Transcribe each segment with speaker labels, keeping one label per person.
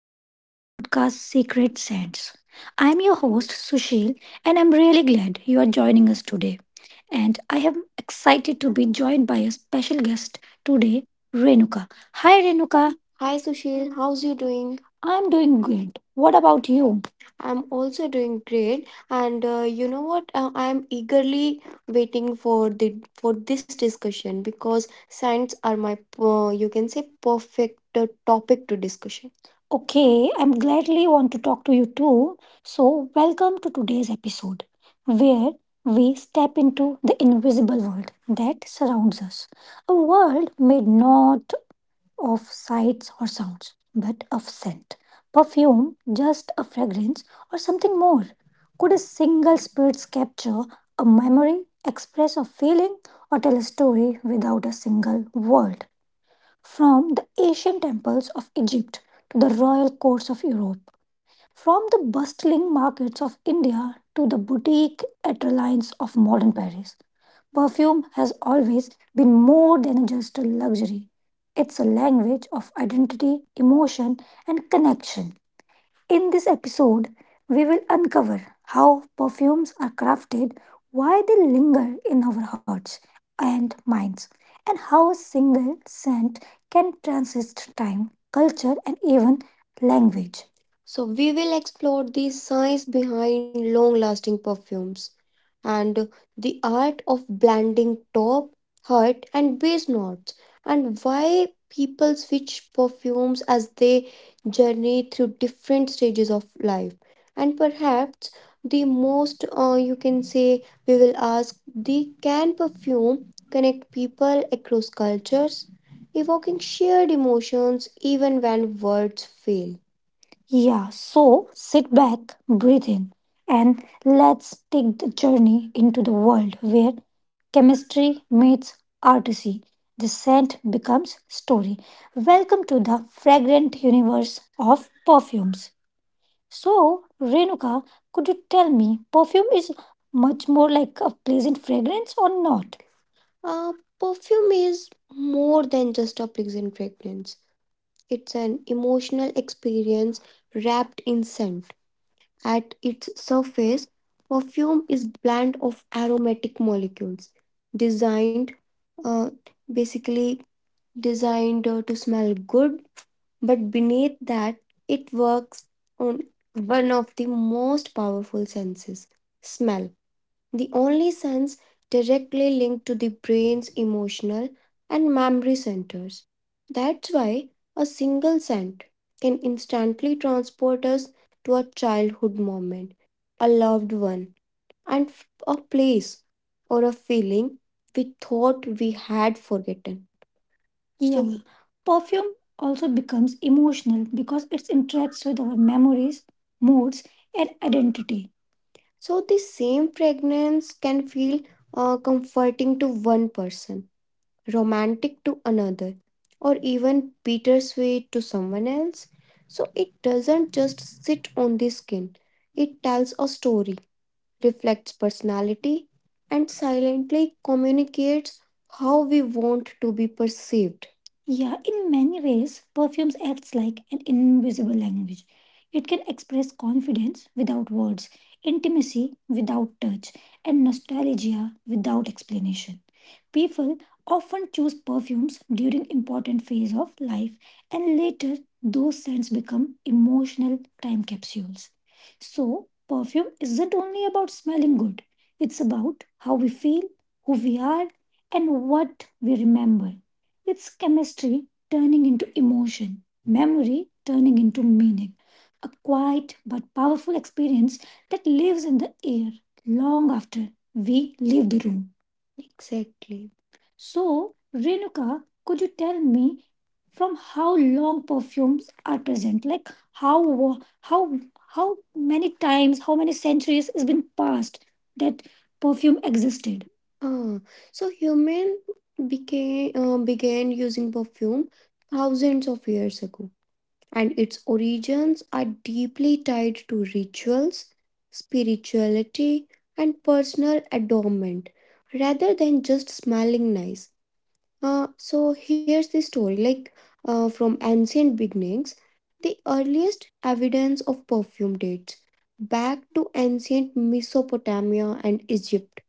Speaker 1: and welcome to podcast Secret Sense. I'm your host, Sushil, and I'm really glad you are joining us today. And I am excited to be joined by a special guest today, Renuka. Hi, Renuka. Hi Sushil, how's you doing? I'm doing good. What about you? I'm also doing great, and you know what? I am eagerly waiting for the for this discussion because science are my you can say perfect topic to discussion. Okay, I'm gladly want to talk to you too. So, welcome to today's episode where we step into the invisible world that surrounds us. A world made not of sights or sounds, but of scent. Perfume, just a fragrance or something more. Could a single spirit capture a memory, express a feeling, or tell a story without a single word? From the ancient temples of Egypt to the royal courts of Europe, from the bustling markets of India to the boutique ateliers of modern Paris, perfume has always been more than just a luxury. It's a language of identity, emotion, and connection. In this episode, we will uncover how perfumes are crafted, why they linger anchor in our hearts and minds, and how a single scent can transcend time, culture, and even language. So, we will explore the science behind long lasting perfumes and the art of blending top, heart, and base notes, and why people switch perfumes as they journey through different stages of life. Perhaps the most you can say we will ask the can perfume connect people across cultures, evoking shared emotions even when words fail. Yeah, so sit back, breathe in, and let's take the journey into the world where chemistry meets artistry. The scent becomes story. Welcome to the fragrant universe of perfumes. So, Renuka, could you tell me, perfume is much more like a pleasant fragrance or not? Uh, Perfume is more than just a pleasant fragrance. It's an emotional experience wrapped in scent. At its surface, perfume is blend of aromatic molecules designed uh, basically designed to smell good, but beneath that, it works on one of the most powerful senses smell, the only sense directly linked to the brain's emotional and memory centers. That's why a single scent can instantly transport us to a childhood moment, a loved one, a place, or a feeling we thought we had forgotten. Yeah. Perfume becomes emotional because it interacts with our memories and identity. So the same fragrance can feel comforting to one person, romantic to another, or even bittersweet to someone else. So it doesn't just sit on the skin, it tells a story, reflects personality, and silently communicates how we want to be perceived. Yeah, in many ways, perfumes acts like an invisible language. It can express confidence without words, intimacy without touch, and nostalgia without explanation. People often choose perfumes during important phase of life and later those scents become emotional time capsules. So, perfume isn't only about smelling good. It's about how we feel, who we are, and what we remember. It's chemistry turning into emotion, memory turning into meaning. A quiet but powerful experience that lives in the air long after we leave the room. Exactly. So, Renuka, could you tell me from how long perfumes are present? Like how wa- how how many times, how many centuries has been passed that existed. Ah, so human became began using perfume thousands of years ago, and its origins are deeply tied to rituals, spirituality, and personal adornment, rather than just smelling nice. So here's the story, like from ancient beginnings. The earliest evidence of perfume dates back to ancient Mesopotamia and Egypt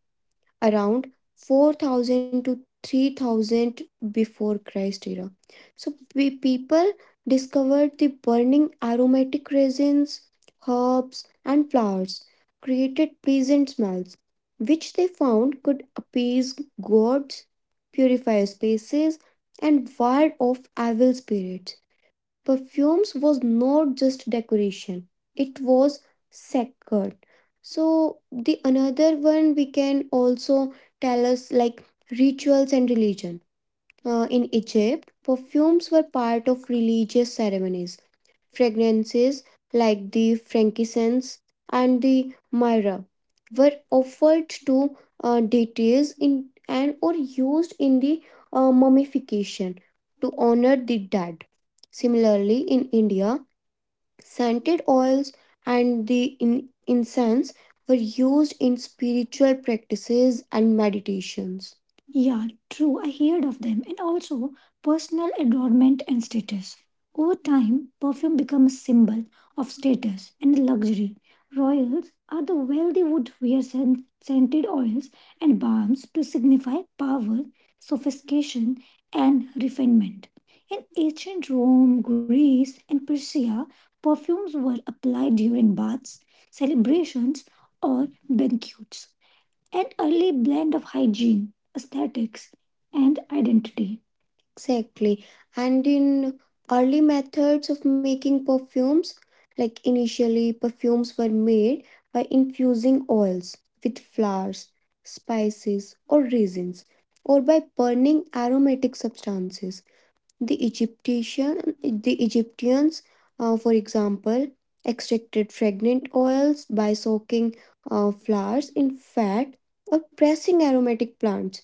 Speaker 1: around 4000 to 3000 before Christ era. So people discovered the burning aromatic resins, herbs and flowers created pleasant smells which they found could appease gods, purify spaces and ward off evil spirits perfumes was not just decoration it was sacred so the another one we can also tell us like rituals and religion in Egypt, perfumes were part of religious ceremonies. Fragrances like the frankincense and the myrrh were offered to deities in and or used in the mummification to honor the dead. Similarly, in India, scented oils and the incense were used in spiritual practices and meditations. Yeah, true. I heard of them and also personal adornment and status. Over time, perfume becomes a symbol of status and luxury. Are the wealthy would wear scented oils and balms to signify power, sophistication, and refinement. In ancient Rome, Greece, and Persia, perfumes were applied during baths, celebrations, or banquets. An early blend of hygiene, aesthetics, and identity. Exactly. And in early methods of making perfumes, like initially perfumes were made by infusing oils with flowers, spices, or resins, or by burning aromatic substances. The Egyptians, for example, extracted fragrant oils by soaking flowers in fat or pressing aromatic plants.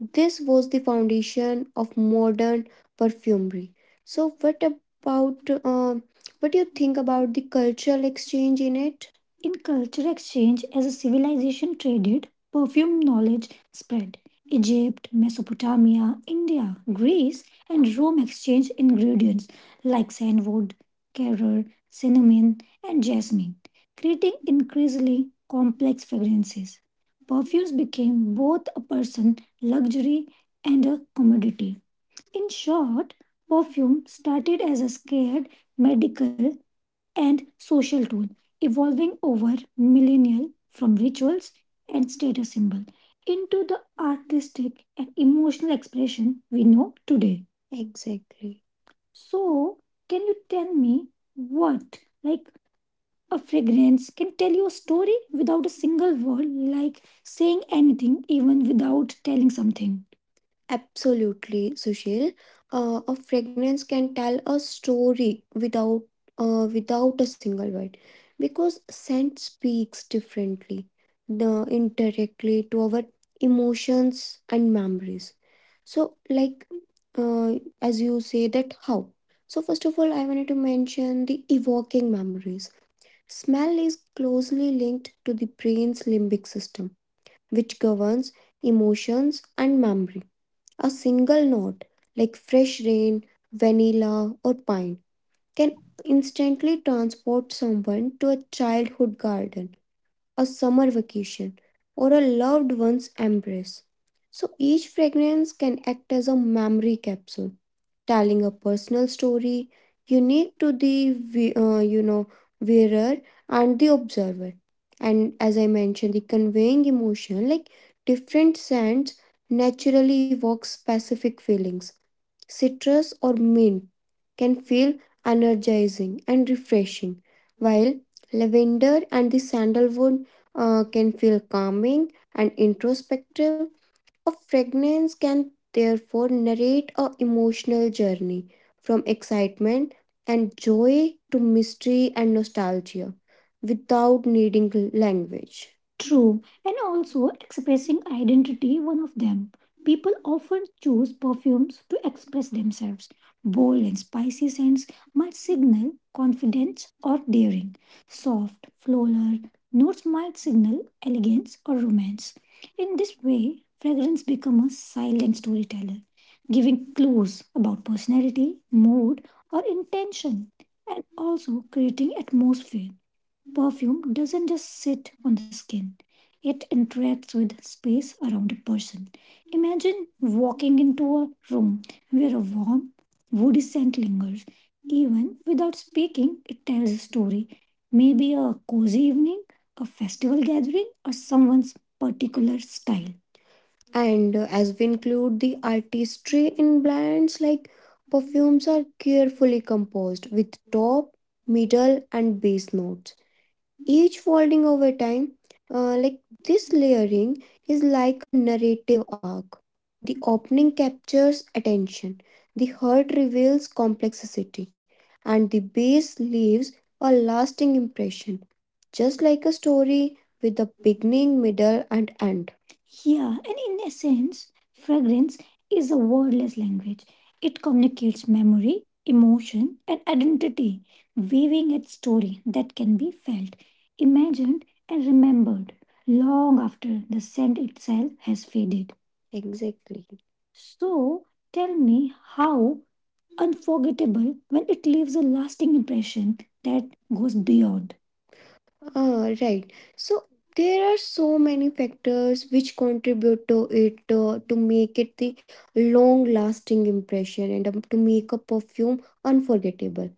Speaker 1: This was the foundation of modern perfumery. So, what about what do you think about the cultural exchange in it? In culture exchange, as a civilization traded, perfume knowledge spread. Egypt, Mesopotamia, India, Greece, and Rome exchanged ingredients like sandalwood, carrel, cinnamon, and jasmine, creating increasingly complex fragrances. Perfumes became both a person luxury and a commodity. In short, perfume started as a scared medical and social tool, evolving over millennia from rituals and status symbol into the artistic and emotional expression we know today. Exactly. So, can you tell me what, like, a fragrance can tell you a story without a single word, like saying anything, even without telling something. Absolutely, Sushil. A fragrance can tell a story without without a single word because scent speaks differently, the indirectly to our emotions and memories. So, like uh, as you say that how. So first of all, I wanted to mention the evoking memories. Smell is closely linked to the brain's limbic system, which governs emotions and memory. A single note, like fresh rain, vanilla, or pine, can instantly transport someone to a childhood garden, a summer vacation, or a loved one's embrace. So each fragrance can act as a memory capsule telling a personal story unique to the vi- uh, you know wearer and the observer and as I mentioned the conveying emotion like different scents naturally evoke specific feelings citrus or mint can feel energizing and refreshing while lavender and the sandalwood can feel calming and introspective a fragrance can therefore narrate a emotional journey from excitement and joy to mystery and nostalgia without needing language. True, and also expressing identity, one of them. People often choose perfumes to express themselves. Bold and spicy scents might signal confidence or daring. Soft, floral notes might signal elegance or romance. In this way, fragrance becomes a silent storyteller, giving clues about personality, mood, or intention, and also creating atmosphere. Perfume doesn't just sit on the skin, it interacts with space around a person. Imagine walking into a room where a warm, woody scent lingers. Even without speaking, it tells a story. Maybe a cozy evening, a festival gathering, or someone's particular style. And as we include the artistry in blends, like perfumes are carefully composed with top,
Speaker 2: Thank
Speaker 1: middle, and base notes each folding over time. Like this layering is like a narrative arc. The opening captures attention, the heart reveals complexity, and the base leaves a lasting impression, just like a story with a beginning, middle, and end. Yeah, and in essence, fragrance is a wordless language. It communicates memory, emotion, and identity, weaving a story that can be felt imagined and remembered long after the scent itself has faded. Exactly. So tell me how unforgettable when it leaves a lasting impression that goes beyond. Ah, right. So there are so many factors which contribute to it to make it the long lasting impression and to make a perfume unforgettable.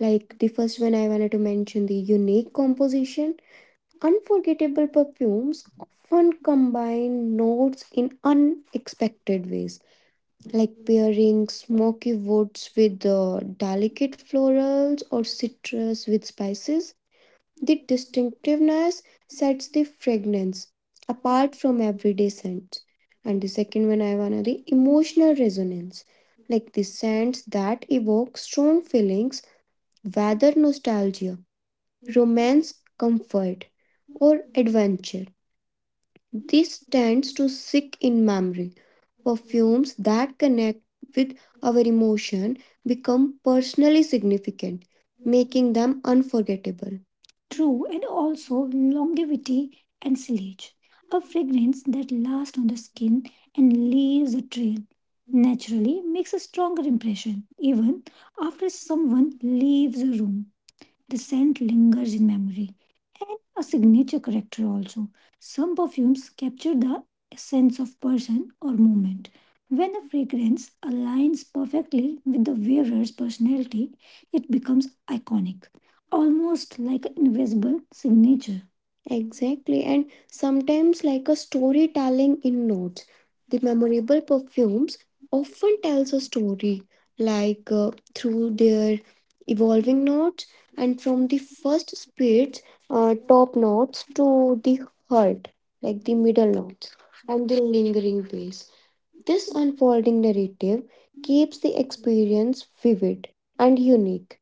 Speaker 1: Like the first one I wanted to mention the unique composition. Unforgettable perfumes often combine notes in unexpected ways, like pairing smoky woods with delicate florals or citrus with spices. The distinctiveness sets the fragrance apart from everyday scents. And the second one, I wanna the emotional resonance, like the scents that evoke strong feelings, whether nostalgia, romance, comfort, or adventure. This tends to stick in memory. Perfumes that connect with our emotion become personally significant, making them unforgettable. True, and also longevity and sillage, a fragrance that lasts on the skin and leaves a trail, naturally makes a stronger impression even after someone leaves a room. The scent lingers in memory and a signature character also. Some perfumes capture the essence of person or moment. When a fragrance aligns perfectly with the wearer's personality, it becomes iconic, almost like an invisible signature. Exactly, and sometimes like a storytelling in notes. The memorable perfumes often tells a story, like through their evolving notes and from the first speeds top notes to the heart like the middle notes and the lingering bass this unfolding narrative keeps the experience vivid and unique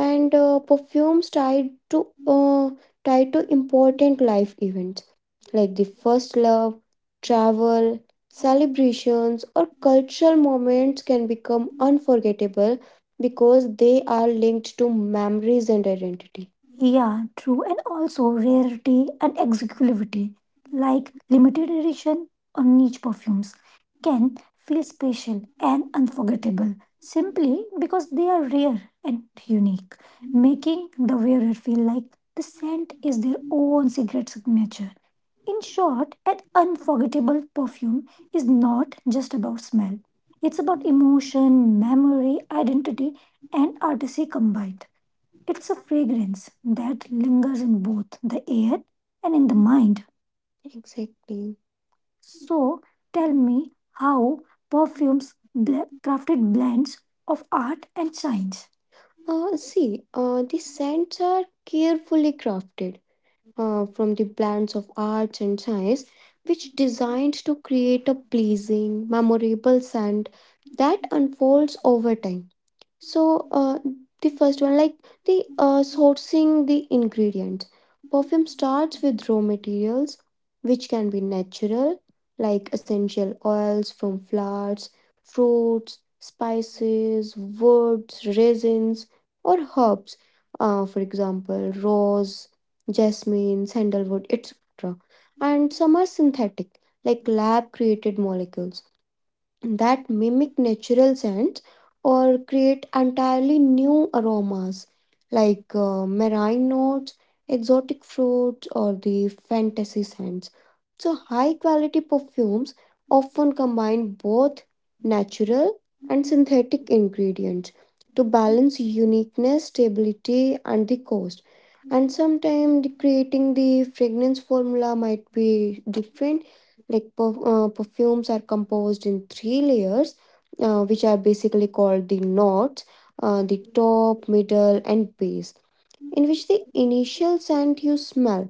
Speaker 1: and perfumes to uh, tied to important life events like the first love, travel, celebrations, or cultural moments can become unforgettable because they are linked to memories and identity. Yeah, true. And also rarity and exclusivity, like limited edition or niche perfumes, can feel special and unforgettable simply because they are rare and unique making the wearer feel like the scent is their own secret signature. In short, an unforgettable perfume is not just about smell, it's about emotion, memory, identity, and artistry combined. It's a fragrance that lingers in both the air and in the mind. Exactly. So, tell me how perfumes crafted blends of art and science. See, the scents are carefully crafted from the blends of arts and science, which designed to create a pleasing, memorable scent that unfolds over time. So the first one, like the sourcing the ingredients. Perfume starts with raw materials, which can be natural, like essential oils from flowers, fruits, spices, woods, resins, or herbs. For example, rose, jasmine, sandalwood, etc. And some are synthetic, like lab created molecules that mimic natural scents or create entirely
Speaker 2: you.
Speaker 1: new aromas
Speaker 2: Thank
Speaker 1: like marine notes, exotic fruits, or the fantasy scents. So, high quality perfumes often combine both natural and synthetic ingredients to balance uniqueness, stability, and the cost. And sometimes creating the fragrance formula might be different like perfumes are composed in three layers, which are basically called the knots, the top, middle, and base. Initial scent you smell,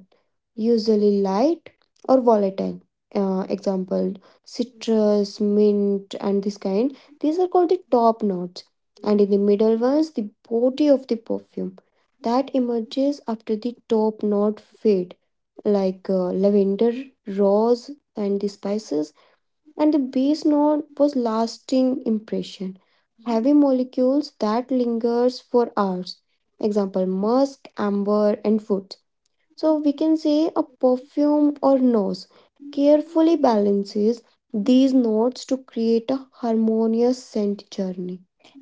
Speaker 1: usually light or volatile. Example citrus, mint, and this kind. These are called the
Speaker 2: you.
Speaker 1: top notes, and in the middle ones, the body of the perfume that emerges after the top knot fade, like lavender, rose, and the spices and the bass note was lasting impression. Heavy molecules that lingers for hours. Example musk, amber, and foot. So we can say a perfume or nose carefully balances these notes to create a harmonious scent journey.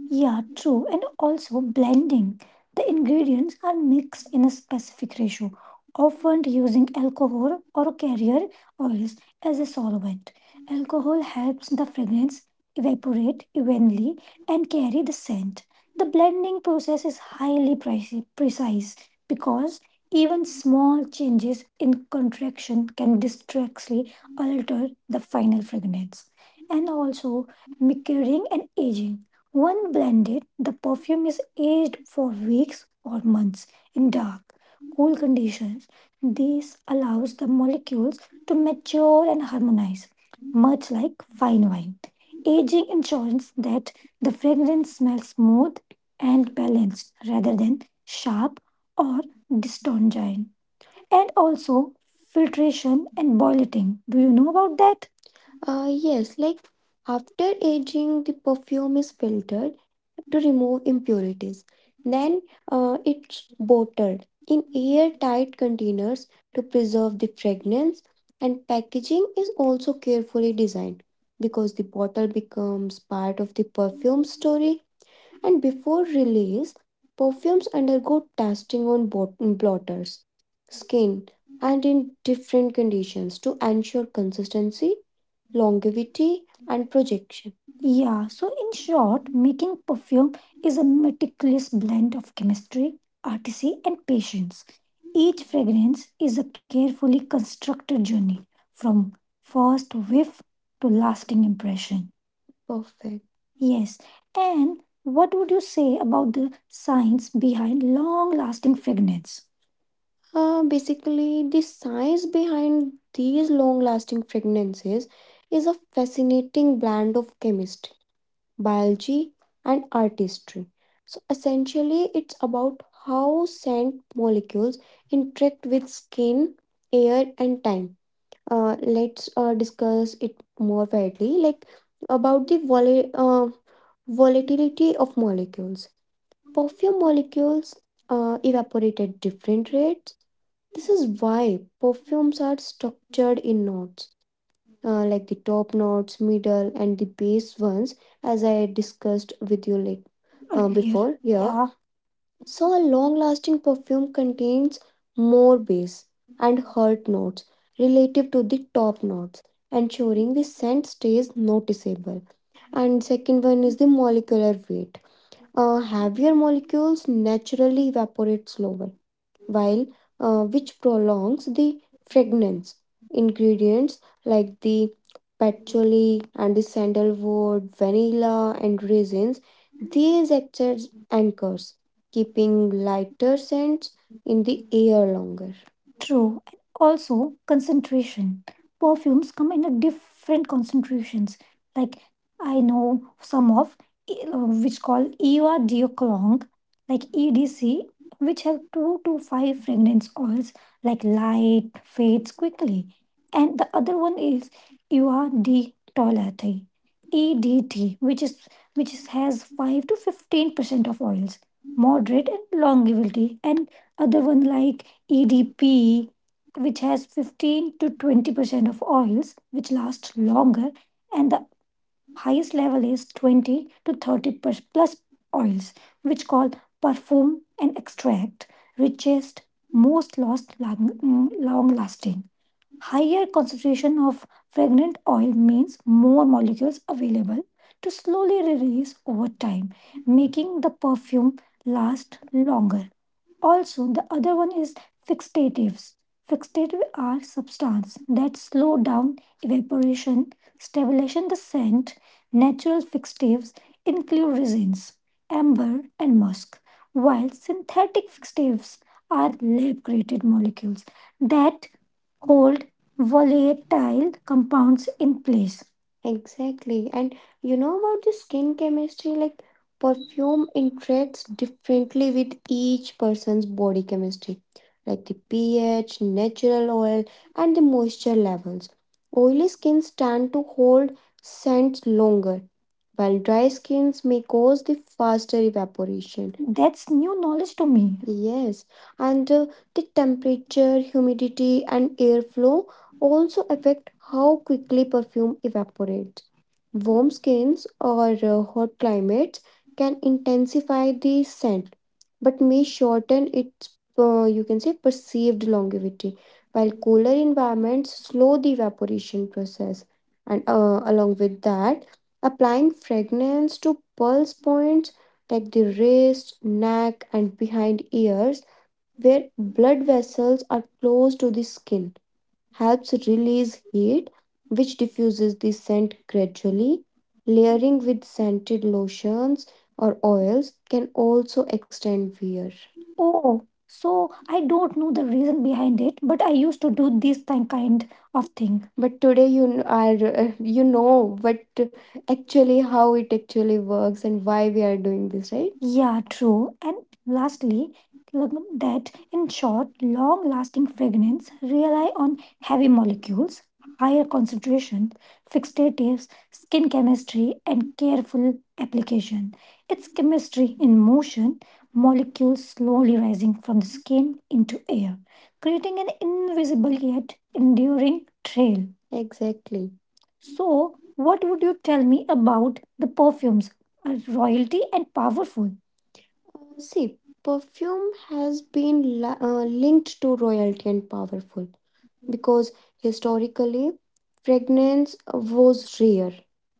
Speaker 1: Yeah, true. And also blending. The ingredients are mixed in a specific ratio, often using alcohol or carrier oils as a solvent. Alcohol helps the fragrance evaporate evenly and carry the scent. The blending process is highly precise because even small changes in contraction can distractly alter the final fragrance. And also, maturing and aging. When blended, the perfume is aged for weeks or months in dark, cool conditions. This allows the molecules to mature and harmonize, much like fine wine. Aging ensures that the fragrance smells smooth and balanced rather than sharp or dystongyne, and also filtration and boiling. Do you know about that? Yes, like after aging, the perfume is filtered to remove impurities. Then it's bottled in airtight containers to preserve the fragrance, and packaging is also carefully designed because the bottle becomes part of the perfume
Speaker 2: Thank you.
Speaker 1: story and before
Speaker 2: সিকেংজ
Speaker 1: release, perfumes undergo testing on blotters, skin, and in different conditions to ensure consistency, longevity, and projection. Yeah, so in short, making perfume is a meticulous blend of chemistry, artistry, and patience. Each fragrance is a carefully constructed journey from first whiff to lasting impression. Perfect. Yes. And what would you say about the science behind long lasting fragrance? Basically, the science behind these long lasting fragrances is a fascinating blend of chemistry, biology, and artistry. So, essentially, it's about how scent molecules interact with skin, air, and time let's discuss it more widely, like about the volatility of molecules. Perfume molecules evaporate at different rates. This is why perfumes
Speaker 2: তদেঘঁডে.
Speaker 1: are structured in notes, like the top notes, middle, and the base ones, as I discussed with you like, yeah, before. Yeah. So, a long lasting perfume contains more base and heart notes relative to the top notes, ensuring the scent stays noticeable. And second one is the molecular weight. Heavier molecules naturally evaporate slower, while which prolongs the fragrance. Ingredients like the patchouli and the sandalwood, vanilla and raisins, these act as anchors, keeping lighter scents in the air longer. True, and also concentration. Perfumes come in a different concentrations. Like I know some of which call Eva de Clong, like EDC, which have two to five fragrance oils, like light fades quickly, and the other one is Eva de Toilette, EDT, which is, has 5 to 15% of oils, moderate and longevity, and other one EDP, which has 15 to 20% of oils, which last longer, and the highest level is 20 to 30 plus oils, which called perfume and extract, richest, most lost long lasting. Higher concentration of fragrant oil means more molecules available to slowly release over time, making the perfume last longer. Also, the other one is fixatives. Fixatives are substances that slow down evaporation, stabilization the scent. Natural fixatives include resins, amber, and musk, while synthetic fixatives are lab created molecules that hold and volatile compounds in place. Exactly. And you know about the skin chemistry, like perfume interacts differently with each person's body chemistry, like the pH, natural oil, and the moisture levels. Oily skins tend to hold scents longer, while dry skins may cause the faster evaporation. That's new knowledge to me. Yes, and the temperature, humidity, and airflow also affect how quickly perfume evaporates. Warm skins or hot climates can intensify the scent but may shorten its you can say perceived longevity while cooler environments slow the evaporation process and along with that applying fragrance to pulse points like the wrist neck and behind ears where blood vessels are close to the skin helps release heat, which diffuses the scent gradually. Layering with scented lotions or oils can also extend wear. Oh, so I don't know the reason behind it, but I used to do this kind of thing. But today you kn- are you know what actually how it actually works and why we are doing this, right? Yeah, true. And lastly, look that in short, long lasting fragrance rely on heavy molecules, higher concentration, fixed relatives, skin chemistry, and careful application. It's chemistry in motion, molecules slowly rising from the skin into air, creating an invisible yet enduring trail. Exactly. So, what would you tell me about the perfumes? Are royalty and powerful? See, perfume has been linked to royalty and powerful because historically, fragrance was rare,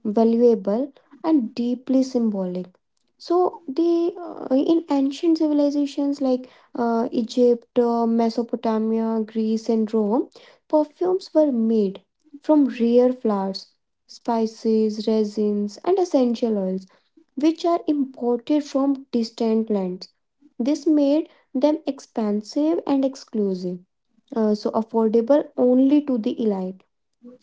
Speaker 1: valuable, and deeply symbolic. So, the in ancient civilizations like Egypt, Mesopotamia, Greece, and Rome, perfumes were made from rare flowers, spices, resins, and essential oils, which are imported from distant lands. This made them expensive and exclusive so affordable only to the elite.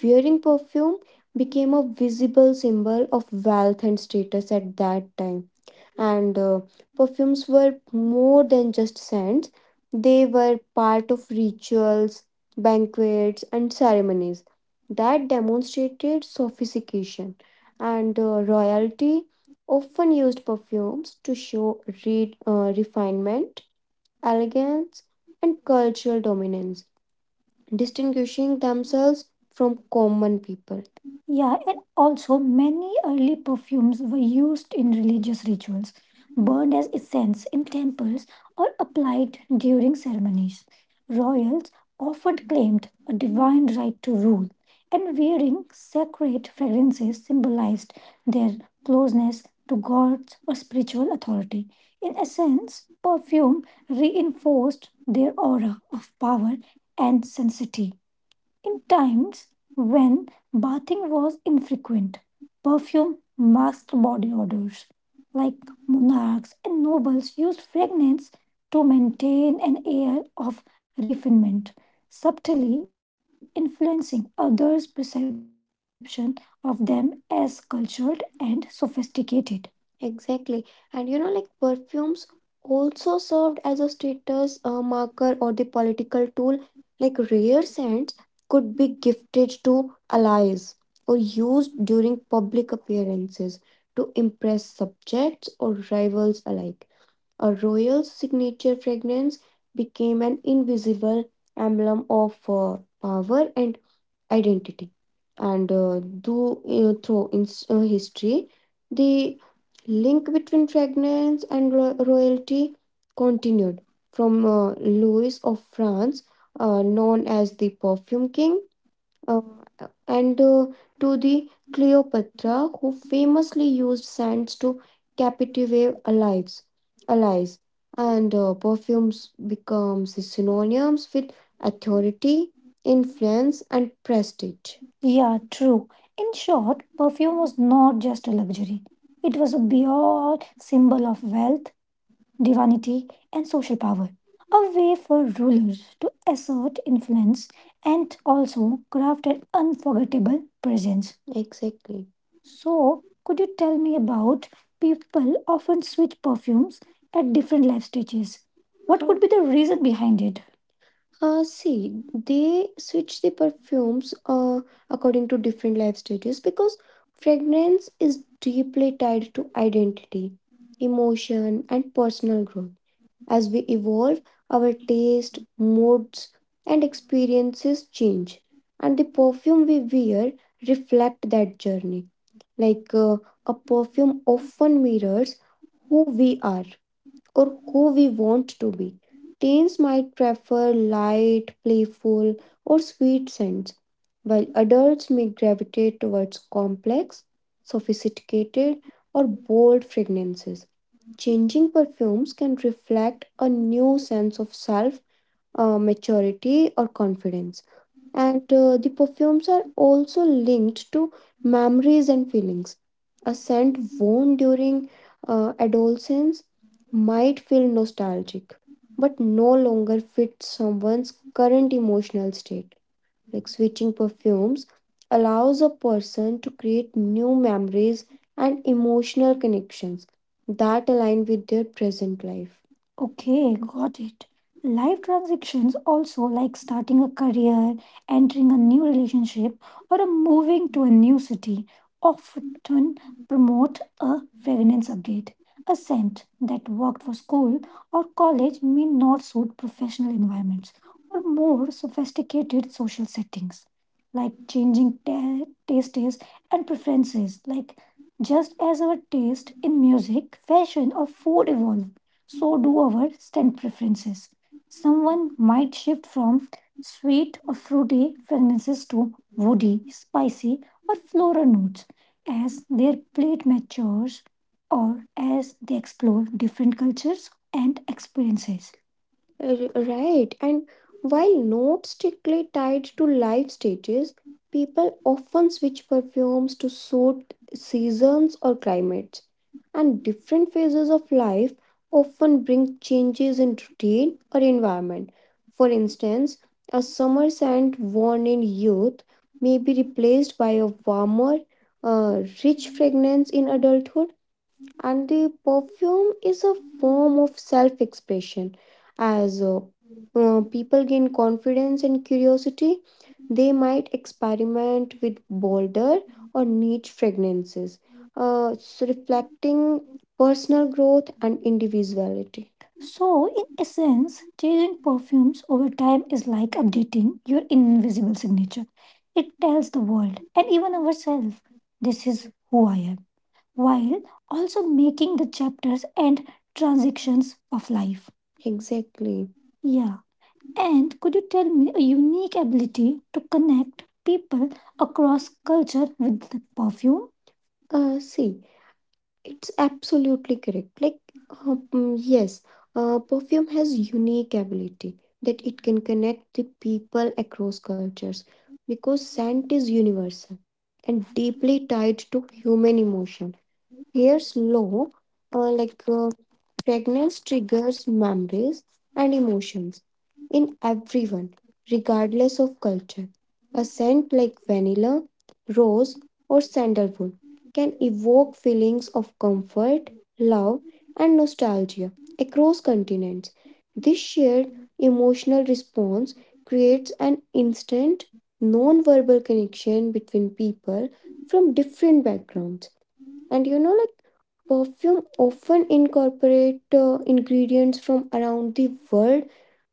Speaker 1: Wearing perfume became a visible symbol of wealth and status at that time. And perfumes were more than just scents, they were part of rituals, banquets, and ceremonies that demonstrated sophistication. And royalty often used perfumes to show refinement, elegance, and cultural dominance distinguishing themselves from common people. Yeah, and also many early perfumes were used in religious rituals, burned as incense in temples, or applied during ceremonies. Royals often claimed a divine right to rule, and wearing sacred fragrances symbolized their closeness to gods or spiritual authority. In essence, perfume reinforced their aura of power and sanctity. In times when bathing was infrequent, perfume masked body odors. Like monarchs and nobles used fragrance to maintain an air of refinement, subtly influencing others' perception of them as cultured and sophisticated. Exactly. And you know, like perfumes also served as a status marker or the political tool. Like rare scents could be gifted to allies or used during public appearances to impress subjects or rivals alike. A royal signature fragrance became an invisible emblem of power and identity and though through in history the link between fragrance and royalty continued from Louis of France, known as the perfume king, uh, and to the Cleopatra who famously used scents to captivate allies, and perfumes become synonyms with authority, influence, and prestige. Yeah, true. In short, perfume was not just a luxury, it was a beyond symbol of wealth, divinity, and social power. A way for rulers to assert influence and also craft an unforgettable presence. Exactly. So, could you tell me about people often switch perfumes at different life stages? What could be the reason behind it? See, they switch the perfumes according to different life stages because fragrance is deeply tied to identity, emotion, and personal growth. As we evolve, our taste, moods, and experiences change, and the perfume we wear reflect that journey. Like a perfume often mirrors who we are or who we want to be. Teens might prefer light, playful, or sweet scents, while adults may gravitate towards complex, sophisticated, or bold fragrances. Changing perfumes can reflect a new sense of self, maturity, or confidence. And the perfumes are also linked to memories and feelings. A scent worn during adolescence might feel nostalgic, but no longer fits someone's current emotional state, like switching perfumes allows a person to create new memories and emotional connections that align with their present life. Okay, got it. Life transactions also, like starting a career, entering a new relationship, or a moving to a new city often promote a fragrance update. A scent that worked for school or college may not suit professional environments or more sophisticated social settings, like changing tastes and preferences. Like just as our taste in music, fashion, or food evolve, so do our scent preferences. Someone might shift from sweet or fruity fragrances to woody, spicy, or floral notes as their plate matures or as they explore different cultures and experiences. Right, and while not strictly tied to life stages, people often switch perfumes to suit seasons or climates. And different phases of life often bring changes in routine or environment. For instance, a summer scent worn in youth may be replaced by a warmer, rich fragrance in adulthood, and the perfume is a form of self expression. As people gain confidence and curiosity, they might experiment with bolder or
Speaker 2: Mm.
Speaker 1: niche fragrances,
Speaker 2: Thank
Speaker 1: so reflecting personal growth and individuality. So, in essence, changing perfumes over time is like updating your invisible signature. It tells the world and even ourselves, this is who I am, while also making the chapters and transactions of life. Exactly. Yeah. And could you tell me a unique ability to connect people across culture with the perfume? See, it's absolutely correct. Yes, perfume has unique ability that it can connect the people across cultures because scent is universal and deeply tied to human emotion. Here's low, uh, like uh, pregnancy triggers memories and emotions in everyone, regardless of culture. A scent like vanilla, rose, or
Speaker 2: you.
Speaker 1: sandalwood can evoke feelings of comfort, love, and nostalgia across continents. This shared emotional response creates an instant non verbal connection between people from different backgrounds. And you know, like perfume often incorporate ingredients from around the world.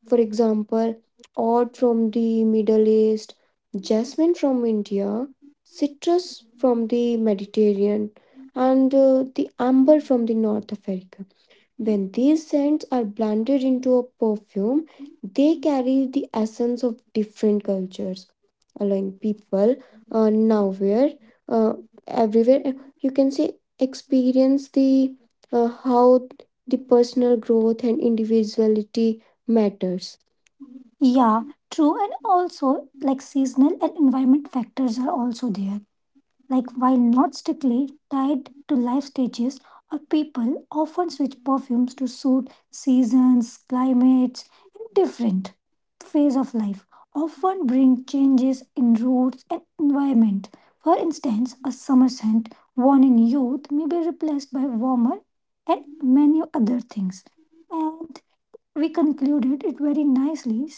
Speaker 1: For example, oud from the Middle East, jasmine from India, citrus from the Mediterranean, and the amber from the North Africa. When these scents are blended into a perfume, they carry the essence of different cultures, allowing people, nowhere, uh, everywhere, you can say, experience the how the personal growth and individuality matters. Yeah, true. And also, seasonal and environment factors are also there. Like while not strictly tied to life stages or people often switch perfumes to suit seasons, climates, and different phase of life, often bring changes in roots and environment. For instance, a summer scent worn in youth may be replaced by warmer and many other things. And we concluded it very nicely,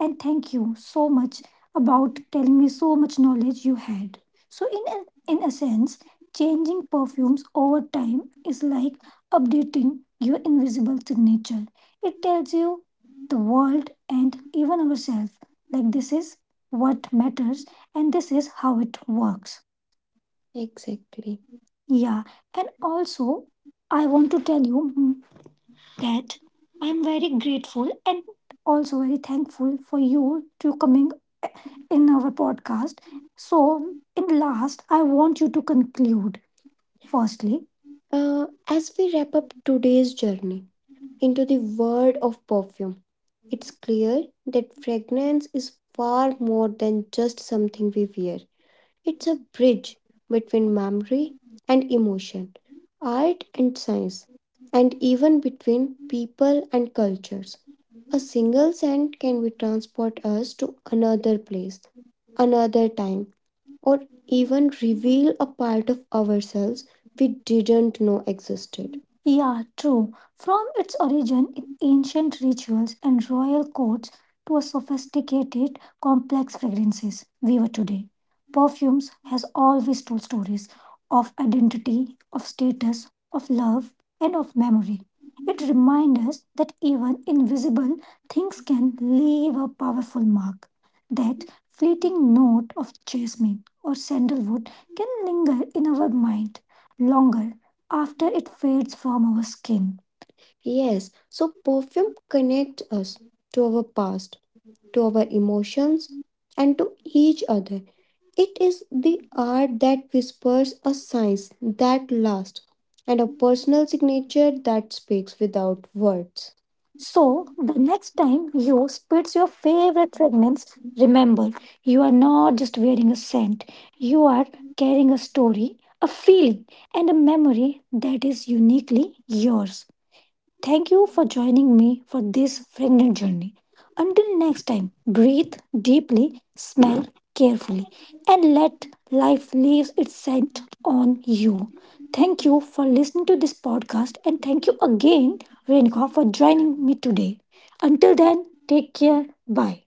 Speaker 1: and thank you so much about telling me so much knowledge you had. So in a sense, changing perfumes over time is like updating your invisible signature. It tells you the world and even ourselves, like this is what matters and this is how it works. Exactly. Yeah, and also I want to tell you that I'm very grateful and also very thankful for you to coming in our podcast. So, in last, I want you to conclude. Firstly, Uh, as we wrap up today's journey into the world of perfume, it's clear that fragrance is far more than just something we wear. It's a bridge between memory and emotion, art and science, and even between people and cultures. A single scent can be transport us to another place, another time, or even reveal a part of ourselves we didn't know existed. From its origin ancient rituals and royal courts to a sophisticated, complex fragrances we were today. Perfumes has always told stories of identity, of status, of love, and of memory. It reminds us that even invisible things can leave a powerful mark. That fleeting note of jasmine or sandalwood can linger in our mind longer after it fades from our skin. Yes, so perfume connects us to our past, to our emotions, to each other. It is the art that whispers a science that lasts and a personal signature that speaks without words. So, the next time you spit your favorite fragrance, remember you are not just wearing a scent, you are carrying a story, a feeling, and a memory that is uniquely yours. Thank you for joining me for this fragrant journey. Until next time, breathe deeply, smell carefully, and let life leave its scent on you. Thank you for listening to this podcast, and thank you again, Renika, for joining me today. Until then, take care. Bye.